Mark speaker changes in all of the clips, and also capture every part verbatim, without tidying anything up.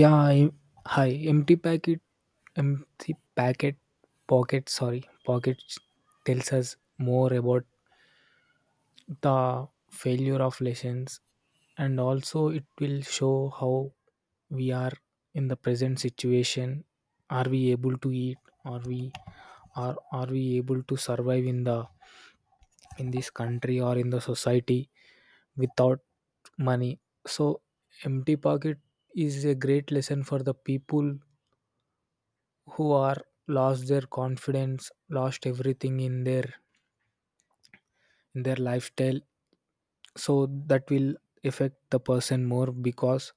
Speaker 1: Yeah, I, hi. Empty packet, empty packet, pocket. Sorry, pocket tells us more about the failure of lessons, and also it will show how we are in the present situation. Are we able to eat? Are we are are we able to survive in the in this country, or in the society, without money? So empty pocket is a great lesson for the people who are lost their confidence, lost everything in their in their lifestyle. So that will affect the person more, because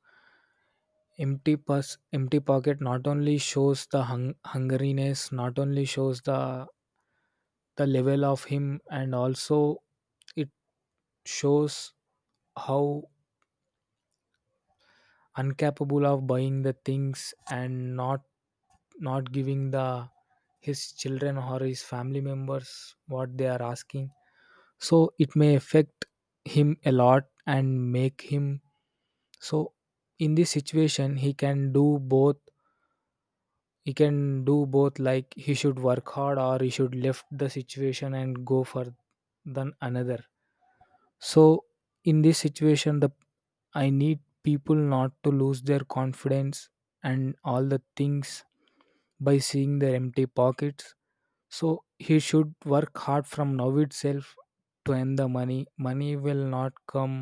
Speaker 1: empty purse, empty pocket, not only shows the hung- hungriness, not only shows the the level of him, and also it shows how incapable of buying the things, and not not giving the his children or his family members what they are asking. So it may affect him a lot and make him. So in this situation he can do both. He can do both like he should work hard, or he should left the situation and go for than another. So in this situation, the I need people not to lose their confidence and all the things by seeing their empty pockets. So he should work hard from now itself to earn the money. Money will not come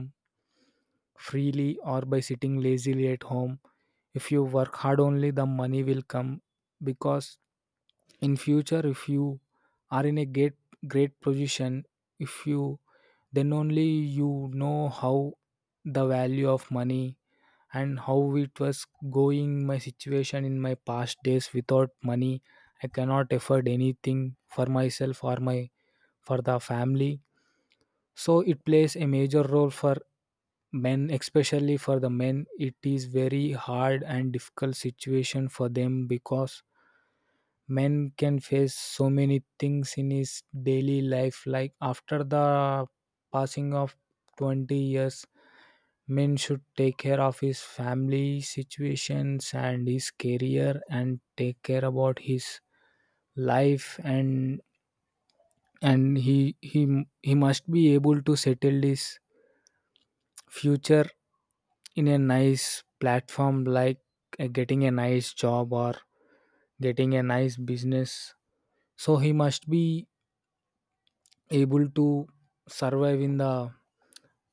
Speaker 1: freely or by sitting lazily at home. If you work hard only, the money will come. Because in future if you are in a great great position, if you, then only you know how the value of money, and how it was going my situation in my past days without money. I cannot afford anything for myself, or my for the family. So it plays a major role for men. Especially for the men, it is very hard and difficult situation for them, because men can face so many things in his daily life, like after the passing of twenty years men should take care of his family situations and his career, and take care about his life. And and he he he must be able to settle his future in a nice platform, like uh, getting a nice job or getting a nice business. So he must be able to survive in the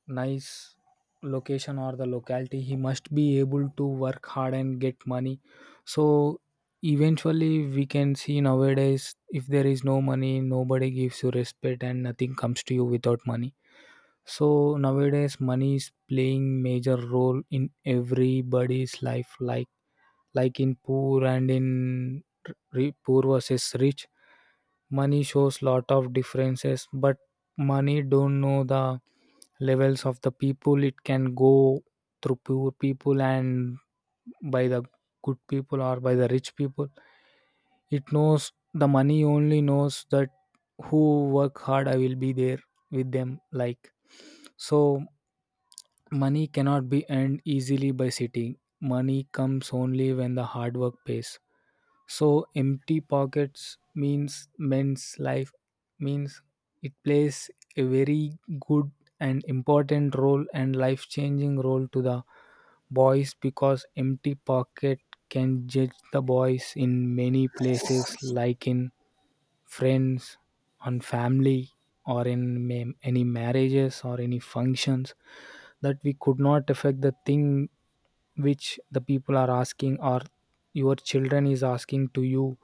Speaker 1: nice location or the locality. He must be able to work hard and get money. So eventually we can see nowadays, if there is no money, nobody gives you respect, and nothing comes to you without money. So nowadays money is playing major role in everybody's life, like like in poor and in r- poor versus rich. Money shows lot of differences, but money don't know the levels of the people. It can go through poor people and by the good people or by the rich people. It knows, the money only knows that, who work hard, I will be there with them, like. So money cannot be earned easily by sitting. Money comes only when the hard work pays. So empty pockets means men's life, means it plays a very good and important role, and life changing role to the boys, because empty pocket can judge the boys in many places, like in friends, on family, or in ma- any marriages or any functions that we could not affect the thing which the people are asking, or your children is asking to you.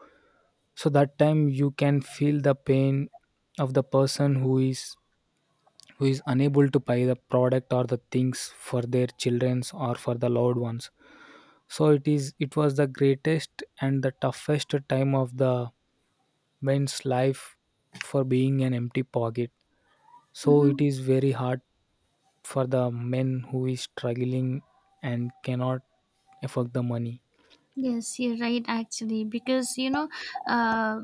Speaker 1: So that time you can feel the pain of the person who is, who is unable to buy the product or the things for their childrens or for the loved ones. So it is, it was the greatest and the toughest time of the men's life, for being an empty pocket. So it
Speaker 2: Mm-hmm.
Speaker 1: is very hard for the men who is struggling and cannot afford the money.
Speaker 2: Yes, you're right, actually, because you know, uh,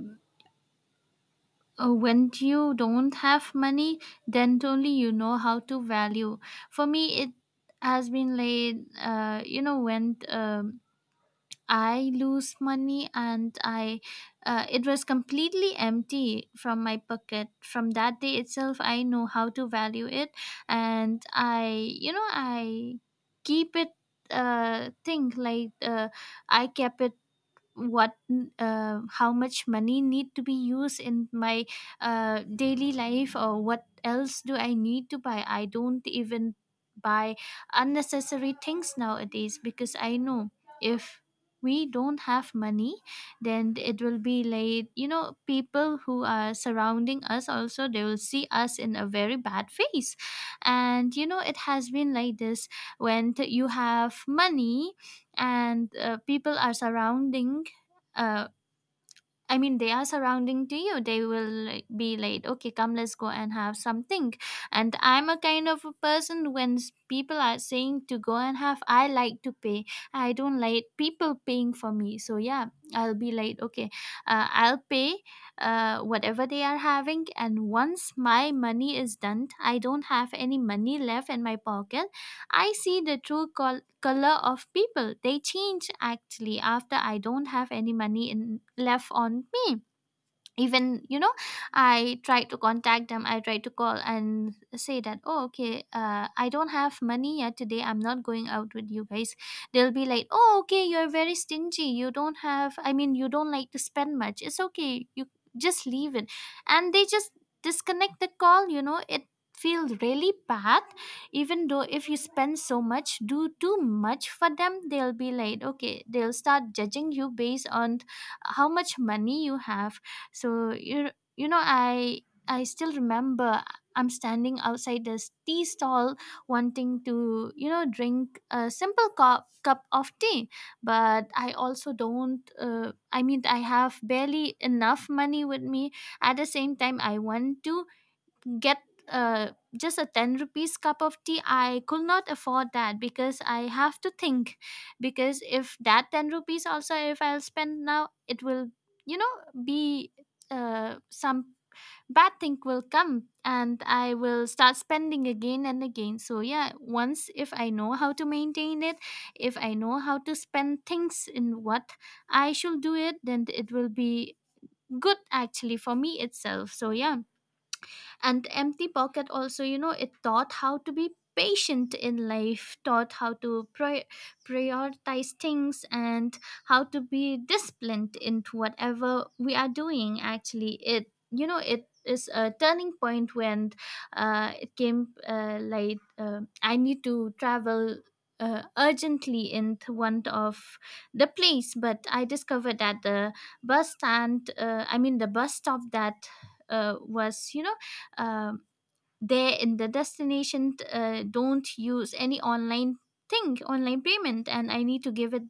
Speaker 2: uh, when you don't have money, then only you know how to value. For me, it has been like, uh, you know, when um, I lose money and I, uh, it was completely empty from my pocket. From that day itself, I know how to value it, and I, you know, I keep it. Uh, think like uh, I kept it what uh, how much money need to be used in my uh, daily life, or what else do I need to buy. I don't even buy unnecessary things nowadays, because I know if we don't have money, then it will be like, you know people who are surrounding us also, they will see us in a very bad face. And, you know it has been like this when t- you have money and uh, people are surrounding, uh, I mean, they are surrounding to you. They will, like, be like, okay, come, let's go and have something. And I'm a kind of a person. When s- people are saying to go and have, I like to pay. I don't like people paying for me. So yeah, I'll be like, okay, uh, I'll pay uh, whatever they are having. And once my money is done, I don't have any money left in my pocket. I see the true col- color of people. They change, actually, after I don't have any money in- left on me. Even, you know I try to contact them, I try to call and say that, oh, okay, uh, I don't have money yet today, I'm not going out with you guys. They'll be like, oh, okay, you're very stingy, you don't have, I mean, you don't like to spend much, it's okay, you just leave it. And they just disconnect the call. You know it feels really bad. Even though if you spend so much, do too much for them, they'll be like, okay, they'll start judging you based on how much money you have. So you you know I I still remember, I'm standing outside this tea stall, wanting to you know drink a simple cup cup of tea, but I also don't. Uh, I mean, I have barely enough money with me. At the same time, I want to get uh, just a ten rupees cup of tea. I could not afford that, because I have to think, because if that ten rupees also, if I'll spend now, it will, you know be, uh, some bad thing will come, and I will start spending again and again. So yeah, once if I know how to maintain it, if I know how to spend things in what I should do it, then it will be good, actually, for me itself. So yeah. And the empty pocket also, you know it taught how to be patient in life, taught how to pri- prioritize things and how to be disciplined into whatever we are doing, actually. It you know it is a turning point, when uh, it came, uh, like, uh, I need to travel uh, urgently into one of the place, but I discovered that the bus stand, uh, I mean, the bus stop that uh, was, you know um, there in the destination, uh, don't use any online thing online payment, and I need to give it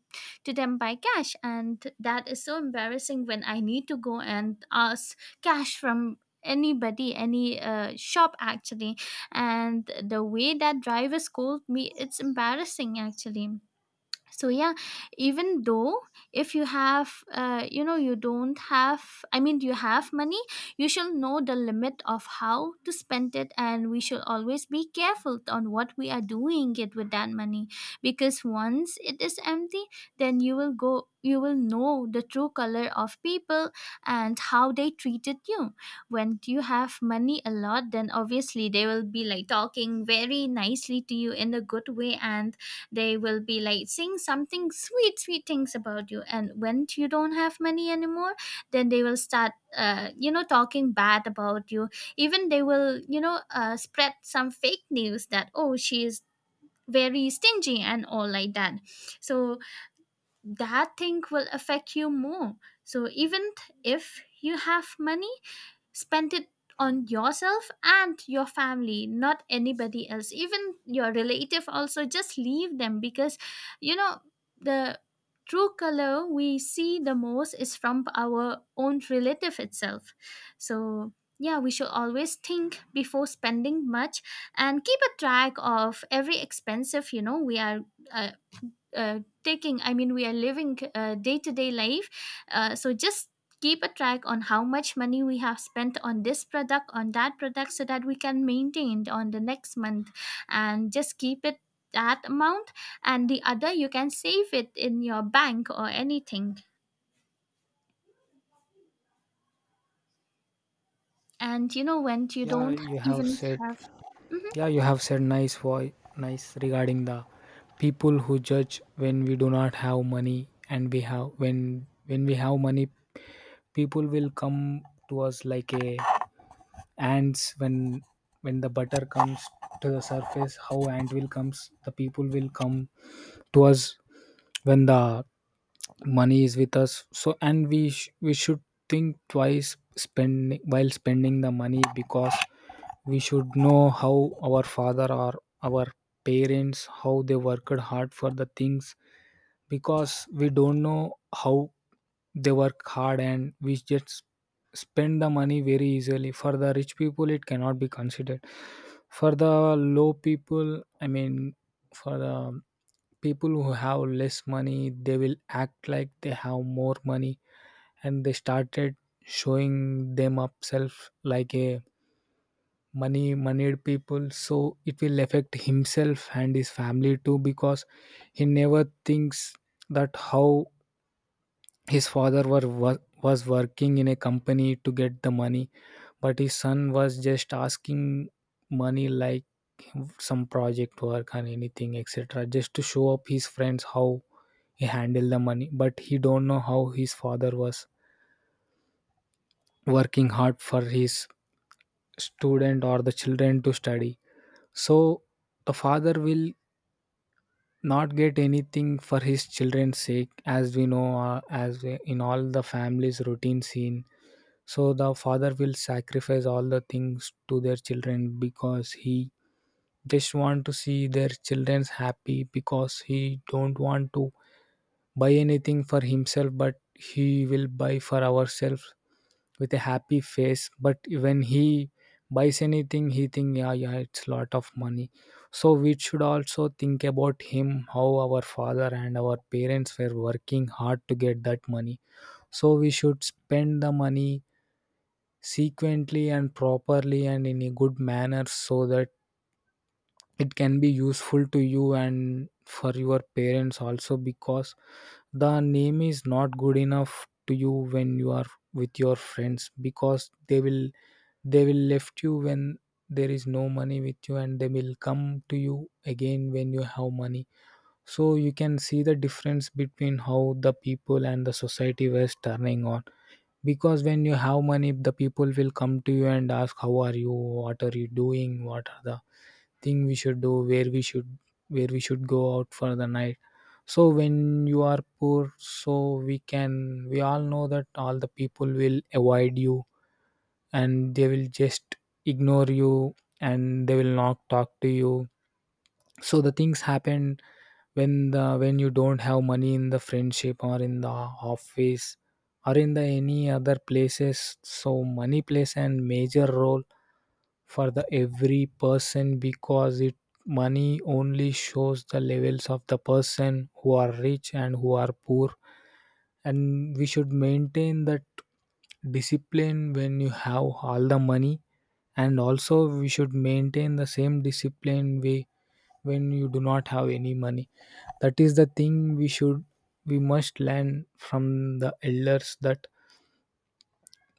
Speaker 2: to them by cash. And that is so embarrassing, when I need to go and ask cash from anybody, any uh, shop, actually. And the way that driver scolded me, it's embarrassing, actually. So yeah, even though if you have uh, you know you don't have, I mean, you have money, you shall know the limit of how to spend it, and we shall always be careful on what we are doing it with that money. Because once it is empty, then you will go you will know the true color of people and how they treated you. When you have money a lot, then obviously they will be like talking very nicely to you in a good way, and they will be like saying something sweet sweet things about you. And when you don't have money anymore, then they will start, uh, you know talking bad about you. Even they will, you know uh, spread some fake news that, oh, she is very stingy and all like that. So that thing will affect you more. So even th- if you have money, spend it on yourself and your family, not anybody else. Even your relative also, just leave them, because you know the true color we see the most is from our own relative itself. So yeah, we should always think before spending much, and keep a track of every expensive, you know we are, uh, uh, taking, I mean, we are living uh, day-to-day life. Uh, so just keep a track on how much money we have spent on this product, on that product, so that we can maintain on the next month, and just keep it, that amount, and the other you can save it in your bank or anything. And, you know when you
Speaker 1: yeah
Speaker 2: don't
Speaker 1: you have
Speaker 2: even
Speaker 1: said
Speaker 2: have.
Speaker 1: Yeah, you have said nice voice, nice, regarding the people who judge when we do not have money, and we have, when when we have money, people will come to us like a ants. When when the butter comes to the surface, how ant will comes, the people will come to us when the money is with us. So and we sh- we should think twice spending, while spending the money, because we should know how our father or our parents, how they worked hard for the things, because we don't know how they work hard, and we just spend the money very easily. For the rich people it cannot be considered. For the low people, I mean, for the people who have less money, they will act like they have more money, and they started showing them upself like a money, moneyed people. So it will affect himself and his family too, because he never thinks that how his father were, wor- was working in a company to get the money, but his son was just asking money like some project work and anything etc, just to show up his friends how he handled the money, but he don't know how his father was working hard for his student or the children to study. So a father will not get anything for his children's sake, as we know, uh, as we, in all the families routine scene. So the father will sacrifice all the things to their children, because he just want to see their children's happy, because he don't want to buy anything for himself, but he will buy for ourselves with a happy face. But when he buys anything he think, yeah, yeah, it's lot of money. So we should also think about him, how our father and our parents were working hard to get that money. So we should spend the money sequently and properly and in a good manner, so that it can be useful to you and for your parents also. Because the name is not good enough to you when you are with your friends, because they will, they will left you when there is no money with you, and they will come to you again when you have money. So you can see the difference between how the people and the society was turning on. Because when you have money, the people will come to you and ask, how are you, what are you doing, what are the thing we should do, where we should, where we should go out for the night. So when you are poor, so we can, we all know that all the people will avoid you, and they will just ignore you, and they will not talk to you. So the things happen, when the when you don't have money, in the friendship or in the office or in the any other places. So money plays a major role for the every person, because it money only shows the levels of the person who are rich and who are poor. And we should maintain that discipline when you have all the money, and also we should maintain the same discipline way when you do not have any money. That is the thing we should, we must learn from the elders, that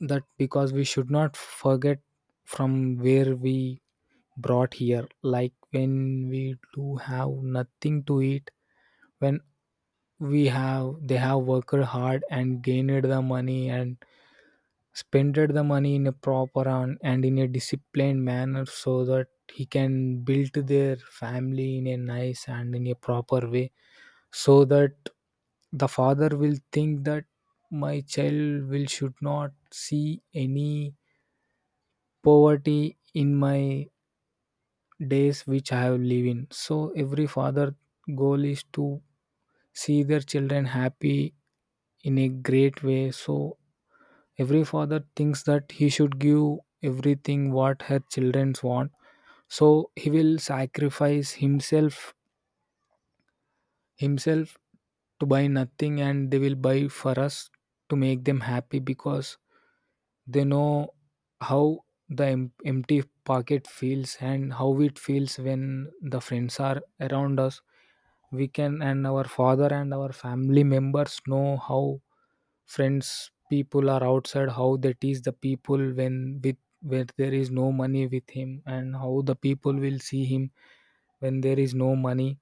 Speaker 1: that because we should not forget from where we brought here, like when we do have nothing to eat, when we have, they have worked hard and gained the money, and spent the money in a proper and, and in a disciplined manner, so that he can build their family in a nice and in a proper way. So that the father will think that my child will should not see any poverty in my days which I have lived in. So every father goal is to see their children happy in a great way. So every father thinks that he should give everything what her children want. So he will sacrifice himself himself to buy nothing, and they will buy for us to make them happy because they know how the em- empty pocket feels, and how it feels when the friends are around us. We can, and our father and our family members know how friends, people are outside, how they tease the people when, with, where there is no money with him, and how the people will see him when there is no money.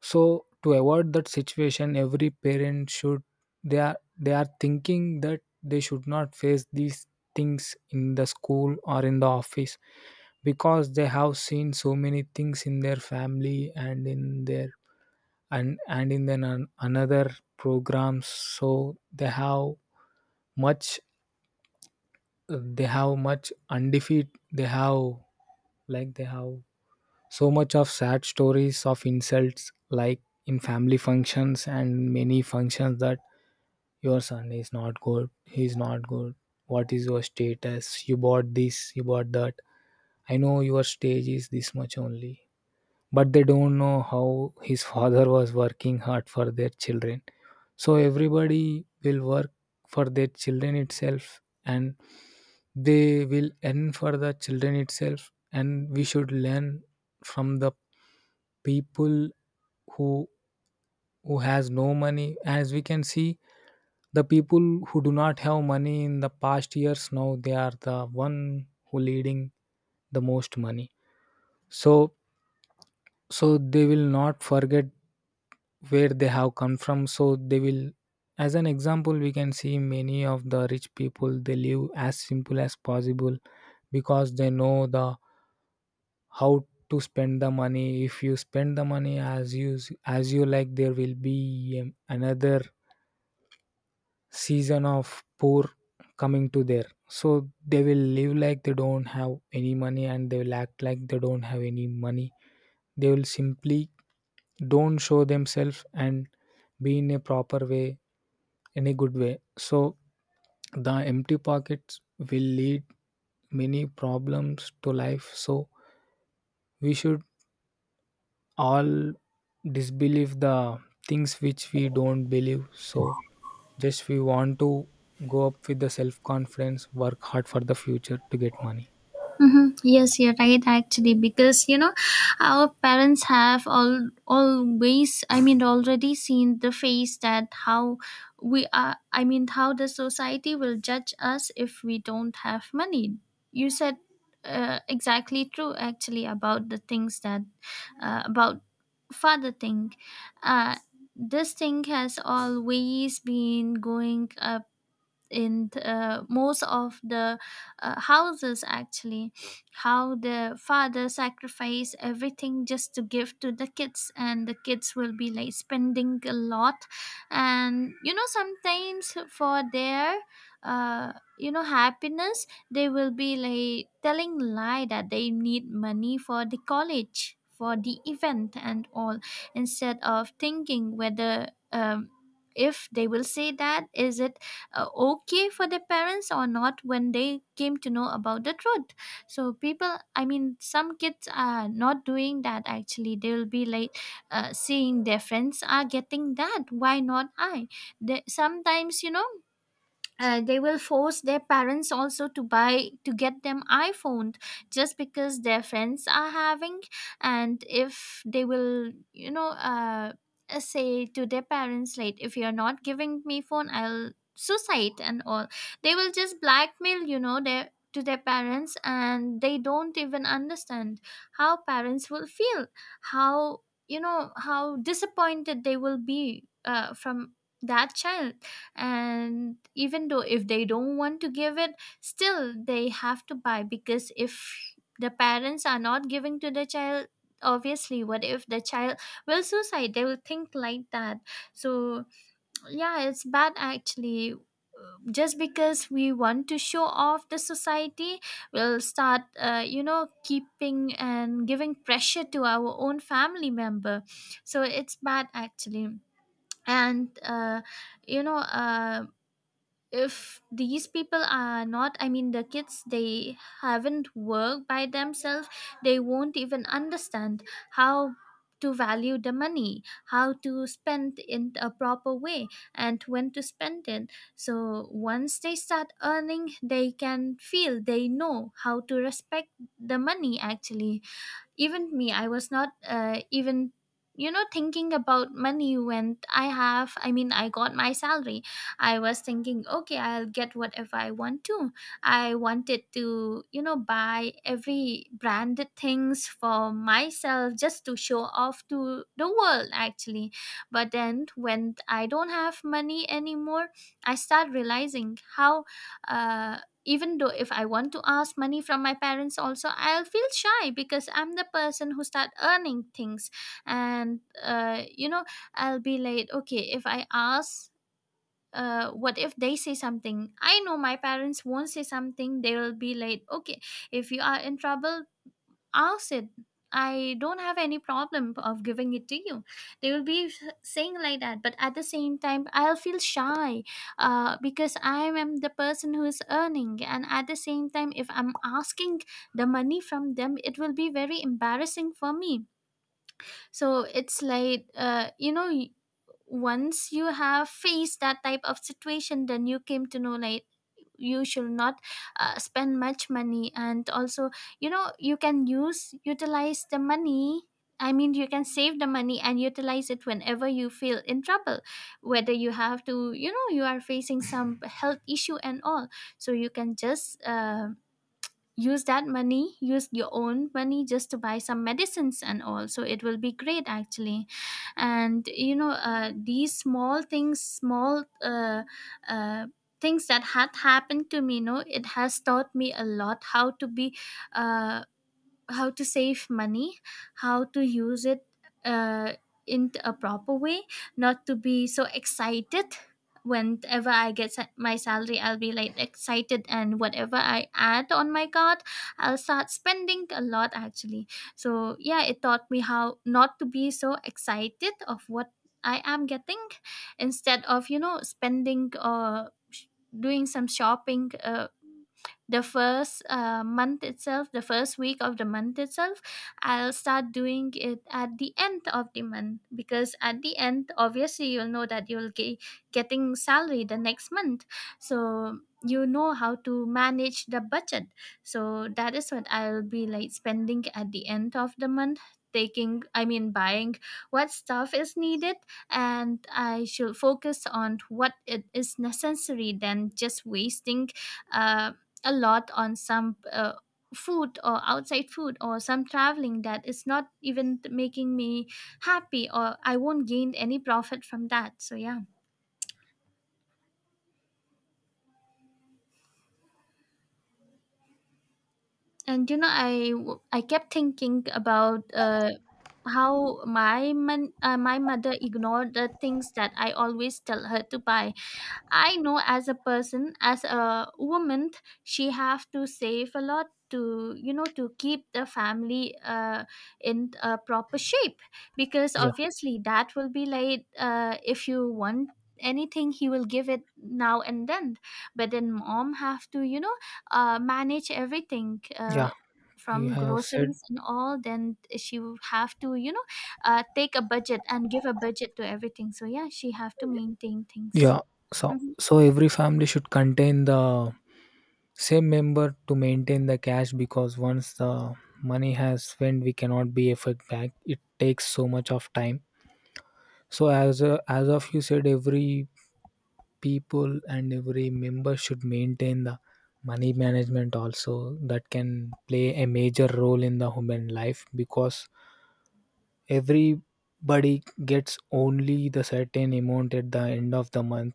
Speaker 1: So to avoid that situation, every parent should, they are they are thinking that they should not face these things in the school or in the office, because they have seen so many things in their family and in their, and and in then an, another programs. So they have much, they have much undefeat, they have, like they have so much of sad stories of insults like in family functions and many functions, that your son is not good. He is not good. What is your status? You bought this, you bought that. I know your stage is this much only. But they don't know how his father was working hard for their children. So everybody will work for their children itself, and they will earn for the children itself, and we should learn from the people who who has no money. As we can see, the people who do not have money in the past years, now they are the one who leading the most money. So, so they will not forget where they have come from. So they will, as an example, we can see many of the rich people, they live as simple as possible because they know the, how to spend the money. If you spend the money as you, as you like, there will be um, another season of poor coming to there. So they will live like they don't have any money, and they will act like they don't have any money. They will simply don't show themselves and be in a proper way, any good way. So the empty pockets will lead many problems to life. So we should all disbelieve the things which we don't believe. So just we want to go up with the self confidence, work hard for the future to get money.
Speaker 2: Mm-hmm. Yes, you're right, actually, because you know our parents have all always, I mean, already seen the face that how we are, I mean, how the society will judge us if we don't have money. You said, uh, exactly true, actually, about the things, that uh, about father thing. Uh, this thing has always been going up in th- uh, most of the uh, houses, actually, how the father sacrifice everything just to give to the kids, and the kids will be like spending a lot. And, you know sometimes for their, uh, you know happiness, they will be like telling lie that they need money for the college, for the event and all, instead of thinking whether, um, if they will say that, is it uh, okay for their parents or not, when they came to know about the truth. So people, I mean, some kids are not doing that, actually. They will be like, uh, seeing their friends are getting that, why not I they, sometimes, you know uh, they will force their parents also to buy, to get them iPhone, just because their friends are having. And if they will, you know uh, uh, say to their parents like, if you're not giving me phone, I'll suicide and all, they will just blackmail, you know their to their parents, and they don't even understand how parents will feel, how you know how disappointed they will be, uh, from that child. And even though if they don't want to give it, still they have to buy, because if the parents are not giving to the child, obviously, what if the child will suicide, they will think like that. So yeah, it's bad, actually. Just because we want to show off, the society will start, uh, you know keeping and giving pressure to our own family member. So it's bad, actually. And, uh, you know uh, if these people are not, I mean, the kids, they haven't worked by themselves, they won't even understand how to value the money, how to spend in a proper way, and when to spend it. So once they start earning, they can feel, they know how to respect the money, actually. Even me, I was not, uh, even, you know thinking about money. When I have, I mean, I got my salary, I was thinking, okay, I'll get whatever i want to i wanted to, you know buy every branded things for myself, just to show off to the world, actually. But then when I don't have money anymore, I start realizing how, uh even though if I want to ask money from my parents also, I'll feel shy, because I'm the person who start earning things. And, uh, you know I'll be like, okay, if I ask, uh, what if they say something. I know my parents won't say something, they will be like, okay, if you are in trouble, ask it, I don't have any problem of giving it to you. They will be saying like that, but at the same time, I'll feel shy, uh, because I am the person who is earning, and at the same time, if I'm asking the money from them, it will be very embarrassing for me. So it's like, uh, you know once you have faced that type of situation, then you came to know like, you should not, uh, spend much money. And also, you know you can use utilize the money. I mean, you can save the money and utilize it whenever you feel in trouble, whether you have to, you know, you are facing some health issue and all. So you can just um use that money, use your own money just to buy some medicines and all, so it will be great actually. And you know uh, these small things, small uh, uh, things that had happened to me, you know it has taught me a lot how to be, uh, how to save money, how to use it uh, in a proper way, not to be so excited. Whenever I get sa- my salary, I'll be like excited, and whatever I add on my card, I'll start spending a lot actually. So, yeah, it taught me how not to be so excited of what I am getting, instead of, you know, spending or sh- doing some shopping. Uh, the first uh, month itself, the first week of the month itself, I'll start doing it at the end of the month, because at the end obviously you'll know that you'll get getting salary the next month. So you know how to manage the budget, so that is what I'll be like spending at the end of the month, taking, I mean, buying what stuff is needed. And I should focus on what it is necessary than just wasting uh, a lot on some uh, food or outside food or some traveling that is not even making me happy, or I won't gain any profit from that. So yeah. And you know, I w- I kept thinking about uh, how my man, uh, my mother ignored the things that I always tell her to buy. I know, as a person, as a woman, she have to save a lot to, you know, to keep the family, uh, in a proper shape, because
Speaker 1: Yeah,
Speaker 2: obviously that will be like, uh, if you want anything, he will give it now and then, but then mom have to, you know, uh, manage everything, uh,
Speaker 1: yeah. You
Speaker 2: from
Speaker 1: have said,
Speaker 2: groceries and all. Then she will have to, you know, uh, take a budget and give a budget to everything. So yeah, she have to maintain things.
Speaker 1: yeah. So,
Speaker 2: Hmm.
Speaker 1: so every family should contain the same member to maintain the cash, because once the money has spent, we cannot be effect back, it takes so much of time. So as a, as of you said, every people and every member should maintain the money management also, that can play a major role in the human life, because everybody gets only the certain amount at the end of the month.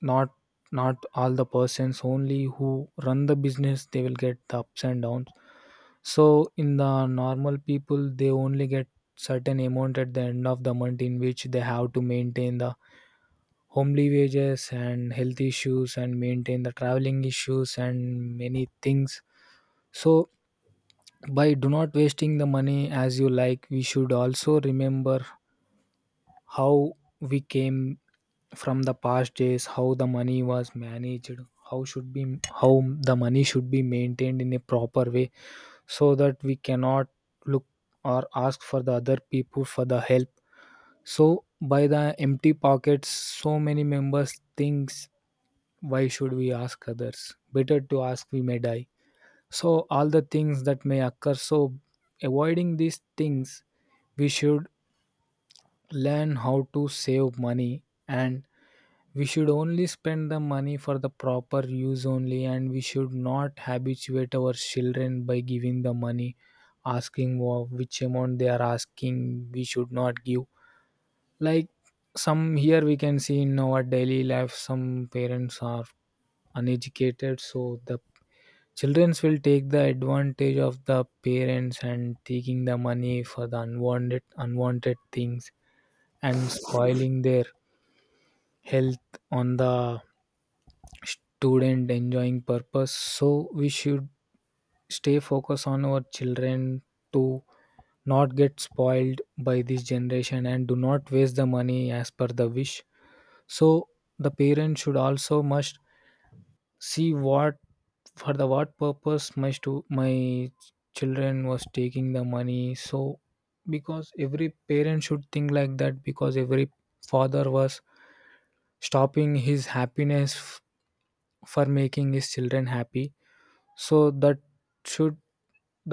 Speaker 1: Not, not all the persons, only who run the business they will get the ups and downs. So in the normal people, they only get certain amount at the end of the month, in which they have to maintain the homely wages and health issues and maintain the traveling issues and many things. So by do not wasting the money as you like, we should also remember how we came from the past days, how the money was managed, how should be, how the money should be maintained in a proper way, so that we cannot look or ask for the other people for the help. So by the empty pockets, so many members thinks, why should we ask others? Better to ask, we may die. So all the things that may occur. So avoiding these things, we should learn how to save money. And we should only spend the money for the proper use only, and we should not habituate our children by giving the money, asking wha- which amount they are asking. We should not give, like some, here we can see in our daily life, some parents are uneducated, so the children will take the advantage of the parents and taking the money for the unwanted unwanted things and spoiling their health on the student enjoying purpose. So we should stay focused on our children to not get spoiled by this generation and do not waste the money as per the wish. So the parent should also must see what, for the what purpose my stu- my children was taking the money. So, because every parent should think like that, because every father was stopping his happiness f- for making his children happy. So that should,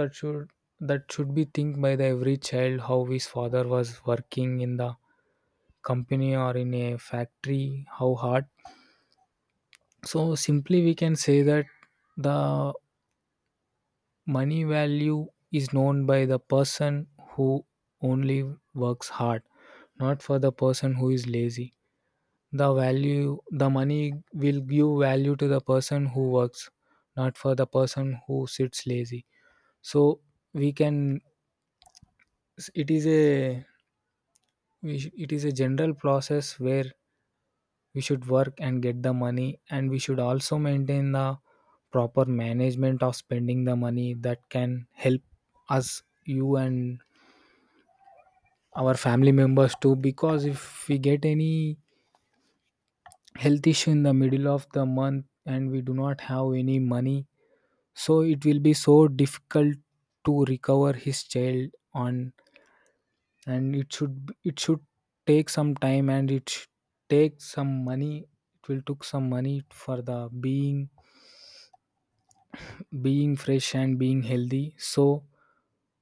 Speaker 1: that should that should be think by the every child, how his father was working in the company or in a factory, how hard. So simply we can say that the money value is known by the person who only works hard, not for the person who is lazy. The value, the money will give value to the person who works, not for the person who sits lazy. So we can, s- it is a, we sh- it is a general process where we should work and get the money, and we should also maintain the proper management of spending the money, that can help us, you, and our family members too, because if we get any health issue in the middle of the month, and we do not have any money, so it will be so difficult to recover his child on. And it should b- it should take some time, and it should take some money, it will took some money for the being, being fresh and being healthy. So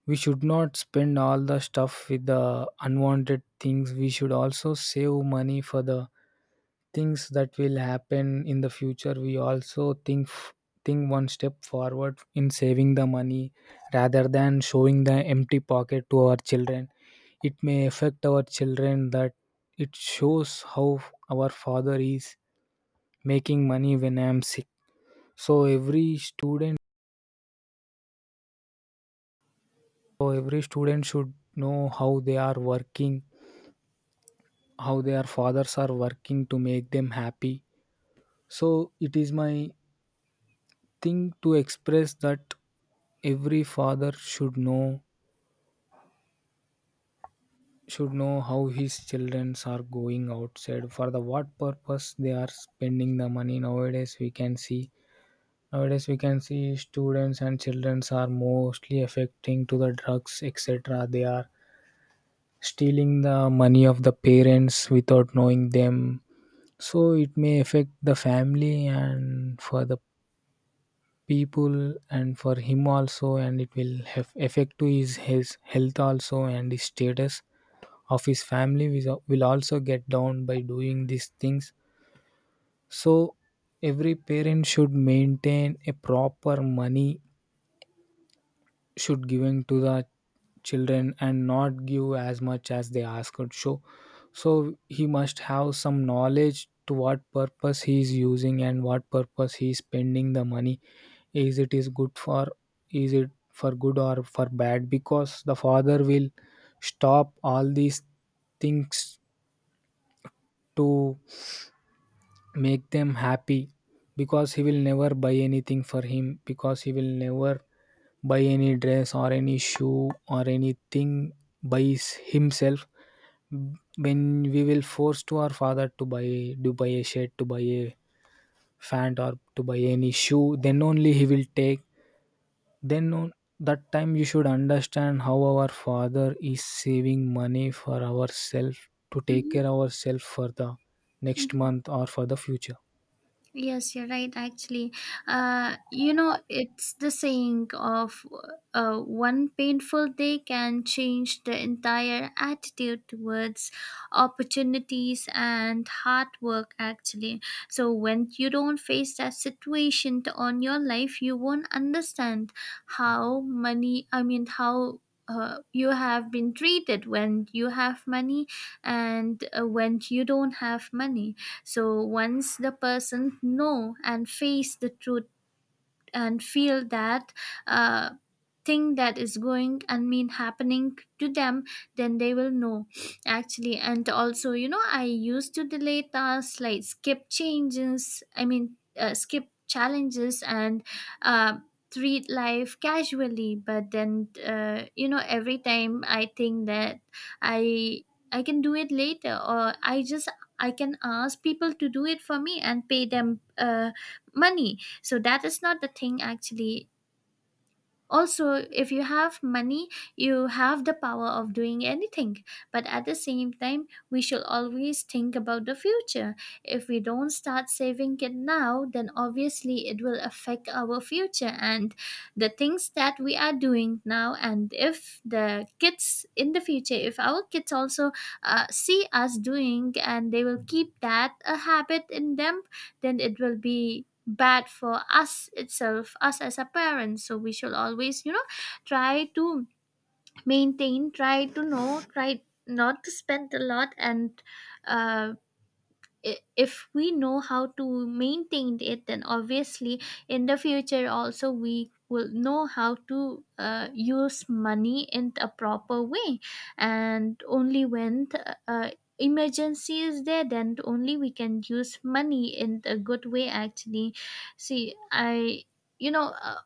Speaker 1: we should not spend all the stuff with the unwanted things, we should also save money for the things that will happen in the future. We also think f- think one step forward in saving the money, rather than showing the empty pocket to our children. It may affect our children that it shows how our father is making money when I am sick. So every student, so every student should know how they are working, how their fathers are working to make them happy. So it is my thing to express that every father should know, should know how his children are going outside, for the what purpose they are spending the money. Nowadays we can see, nowadays we can see students and children are mostly affecting to the drugs, et cetera. They are stealing the money of the parents without knowing them. So it may affect the family and for the people and for him also, and it will have effect to his his health also, and his status of his family will will also get down by doing these things. So every parent should maintain a proper money, should giving to the children, and not give as much as they ask or show. So he must have some knowledge to what purpose he is using and what purpose he is spending the money. Is it, is good for, is it for good or for bad, because the father will stop all these things to make them happy, because he will never buy anything for him, because he will never buy any dress or any shoe or anything by s- himself. When we will force to our father to buy, to buy a shirt, to buy a pant, or to buy any shoe, then only he will take. Then on that time you should understand how our father is saving money for ourselves, to take
Speaker 2: Hmm.
Speaker 1: care ourselves for the next
Speaker 2: Hmm.
Speaker 1: month or for the future.
Speaker 2: Yes, you're right. Actually, uh, you know, it's the saying of, uh, one painful day can change the entire attitude towards opportunities and hard work, actually. So when you don't face that situation to- on your life, you won't understand how money, I mean, how. Uh, you have been treated when you have money and uh, when you don't have money. So once the person know and face the truth and feel that uh, thing that is going and mean happening to them, then they will know actually. And also, you know, I used to delay tasks, like skip changes, I mean, uh, skip challenges and uh, treat life casually. But then, uh, you know every time I think that i i can do it later, or I just, I can ask people to do it for me and pay them uh, money. So that is not the thing, actually. Also, if you have money, you have the power of doing anything, but at the same time, we should always think about the future. If we don't start saving it now, then obviously it will affect our future and the things that we are doing now. And if the kids in the future, if our kids also uh, see us doing, and they will keep that a habit in them, then it will be bad for us itself, us as a parent. So we should always, you know, try to maintain, try to know, try not to spend a lot. And uh, i- if we know how to maintain it, then obviously in the future also we will know how to uh, use money in a proper way. And only when the, uh, emergency is there, then only we can use money in a good way actually. See, i you know uh,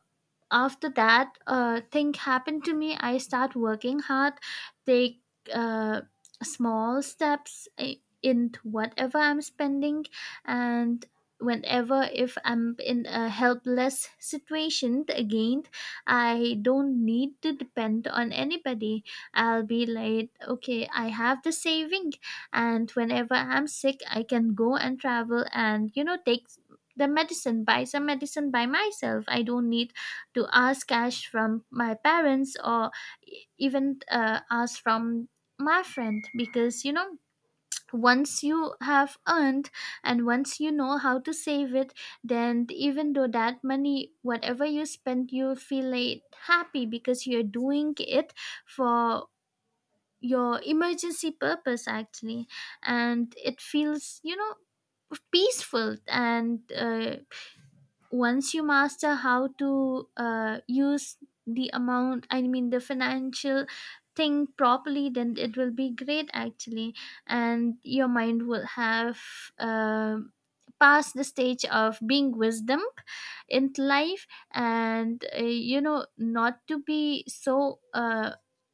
Speaker 2: after that uh, thing happened to me, I start working hard, take uh, small steps i- into whatever I'm spending. And whenever, if I'm in a helpless situation again, I don't need to depend on anybody. I'll be like, okay, I have the saving, and whenever I'm sick, I can go and travel and, you know, take the medicine, buy some medicine by myself. I don't need to ask cash from my parents, or e- even uh, ask from my friend, because you know, once you have earned and once you know how to save it, then even though that money, whatever you spend, you feel like happy, because you're doing it for your emergency purpose, actually. And it feels, you know, peaceful. And uh, once you master how to uh, use the amount, I mean, the financial thing properly, then it will be great actually. And your mind will have uh, passed the stage of being wisdom in life. And uh, you know, not to be so uh,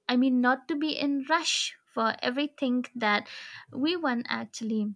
Speaker 2: I mean, not to be in rush for everything that we want, actually.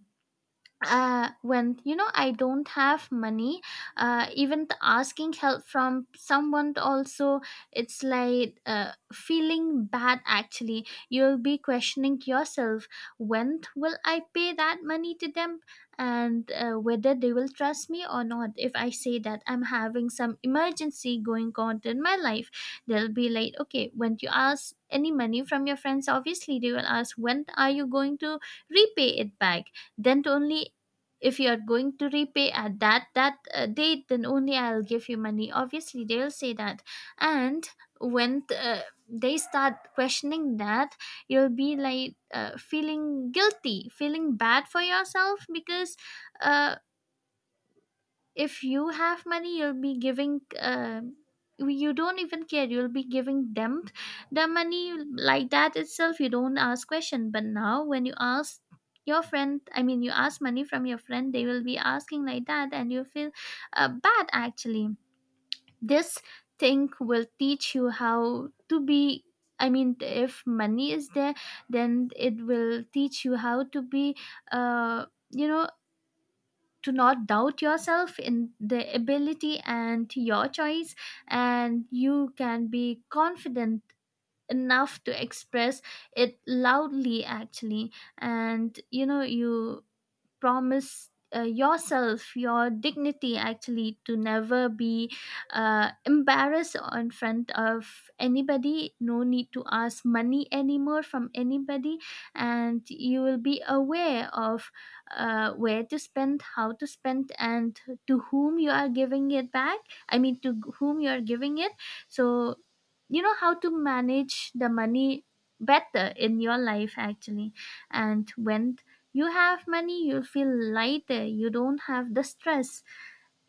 Speaker 2: uh When, you know, I don't have money, uh even the asking help from someone also, it's like uh feeling bad, actually. You'll be questioning yourself, when will I pay that money to them, and uh, whether they will trust me or not. If I say that I'm having some emergency going on in my life, they'll be like, okay. When you ask any money from your friends, obviously they will ask, when are you going to repay it back? Then only, if you are going to repay at that that uh, date, then only I'll give you money, obviously they'll say that. And when uh, they start questioning that, you'll be like, uh, feeling guilty, feeling bad for yourself. Because uh, if you have money, you'll be giving, uh, you don't even care, you'll be giving them the money like that itself, you don't ask question. But now when you ask your friend, I mean, you ask money from your friend, they will be asking like that, and you feel uh, bad actually. This thing will teach you how to be, I mean, if money is there, then it will teach you how to be, uh, you know to not doubt yourself in the ability and your choice, and you can be confident enough to express it loudly, actually. And you know, you promise uh, yourself, your dignity, actually, to never be uh, embarrassed in front of anybody. No need to ask money anymore from anybody. And you will be aware of uh, where to spend, how to spend, and to whom you are giving it back, I mean, to whom you are giving it. So you know how to manage the money better in your life, actually. And when you have money, you feel lighter, you don't have the stress.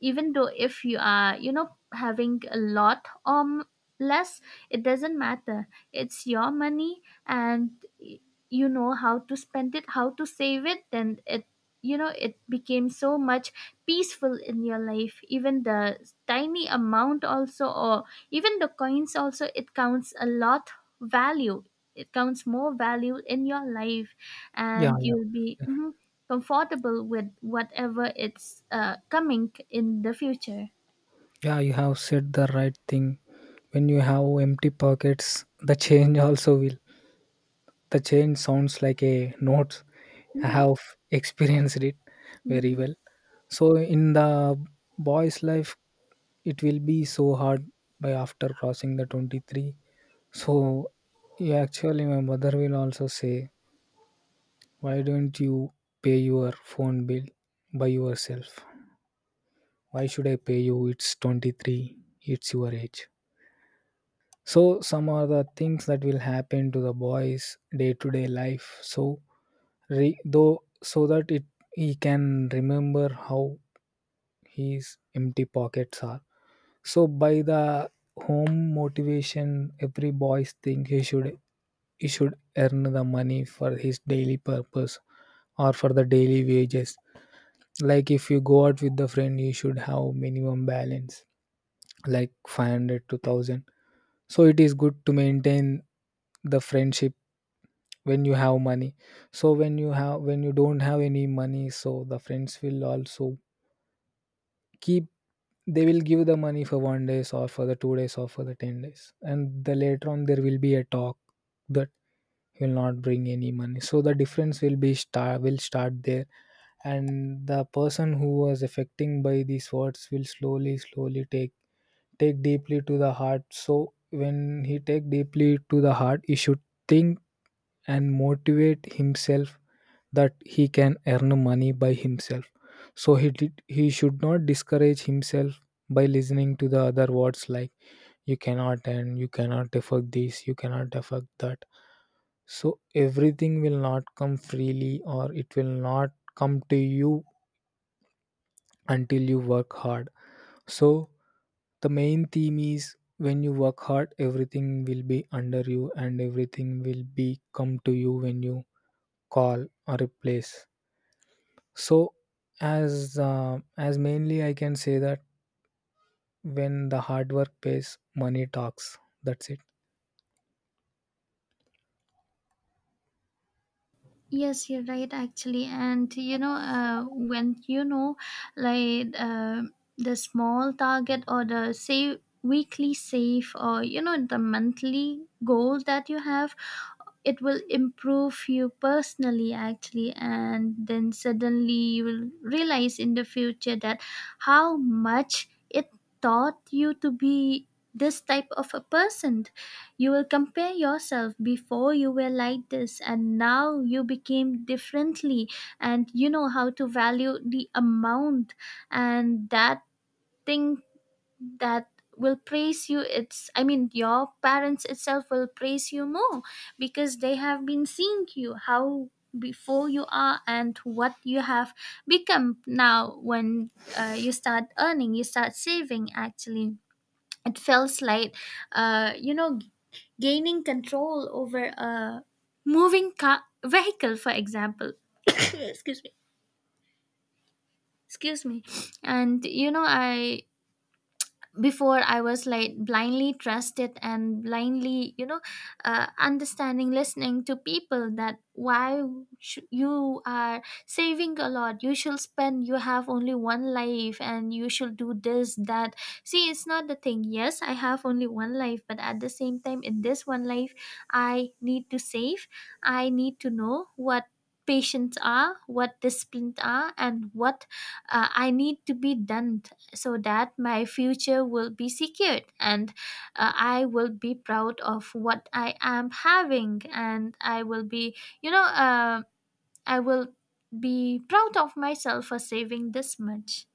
Speaker 2: Even though if you are, you know, having a lot or m- less, it doesn't matter, it's your money. And you know how to spend it, how to save it, then it, you know, it became so much peaceful in your life. Even the tiny amount also, or even the coins also, it counts a lot value, it counts more value in your life.
Speaker 1: Yeah,
Speaker 2: And you'll be mhm, comfortable with whatever it's uh, coming in the future.
Speaker 1: yeah, you have said the right thing. When you have empty pockets, the change also will, the change sounds like a note. I have experienced it very
Speaker 2: Mhm.
Speaker 1: well. So in the boy's life, it will be so hard by after crossing the twenty-three. So yeah, actually, my mother will also say, "Why don't you pay your phone bill by yourself? Why should I pay you? It's twenty-three. It's your age." So some are the things that will happen to the boys day to day life. So re- though so that it, he can remember how his empty pockets are. So by the home motivation, every boys think he should, he should earn the money for his daily purpose or for the daily wages. Like if you go out with the friend, you should have minimum balance like five hundred to one thousand. So it is good to maintain the friendship when you have money. So when you have, when you don't have any money, so the friends will also keep, they will give the money for one day or for the two days or for the ten days, and the later on there will be a talk that will not bring any money. So the difference will be start, will start there. And the person who was affecting by these words will slowly slowly take, take deeply to the heart. So when he take deeply to the heart, he should think and motivate himself that he can earn money by himself. So he did, he should not discourage himself by listening to the other words like, you cannot, and you cannot afford this, you cannot afford that. So everything will not come freely, or it will not come to you until you work hard. So the main theme is, when you work hard, everything will be under you, and everything will be come to you when you call or replace. So as uh, as mainly I can say that, when the hard work pays, money talks. That's it.
Speaker 2: Yes, you're right, actually. And you know, uh, when you know, like, uh, the small target or the save weekly save, or you know, the monthly goal that you have, it will improve you personally, actually. And then suddenly you will realize in the future that how much it taught you to be this type of a person. You will compare yourself, before you were like this, and now you became differently, and you know how to value the amount. And that thing, that will praise you, it's, I mean, your parents itself will praise you more, because they have been seeing you how before you are and what you have become now. When uh, you start earning, you start saving, actually it feels like, uh, you know g- gaining control over a moving car vehicle, for example. Excuse me, excuse me. And you know, I, before, I was like blindly trusted and blindly, you know, uh, understanding, listening to people, that why sh- you are saving a lot, you should spend, you have only one life, and you should do this, that. See, it's not the thing. Yes, I have only one life, but at the same time, in this one life, I need to save, I need to know what patients are, what disciplined are, and what uh, I need to be done, so that my future will be secured. And uh, I will be proud of what I am having, and I will be, you know, uh, I will be proud of myself for saving this much.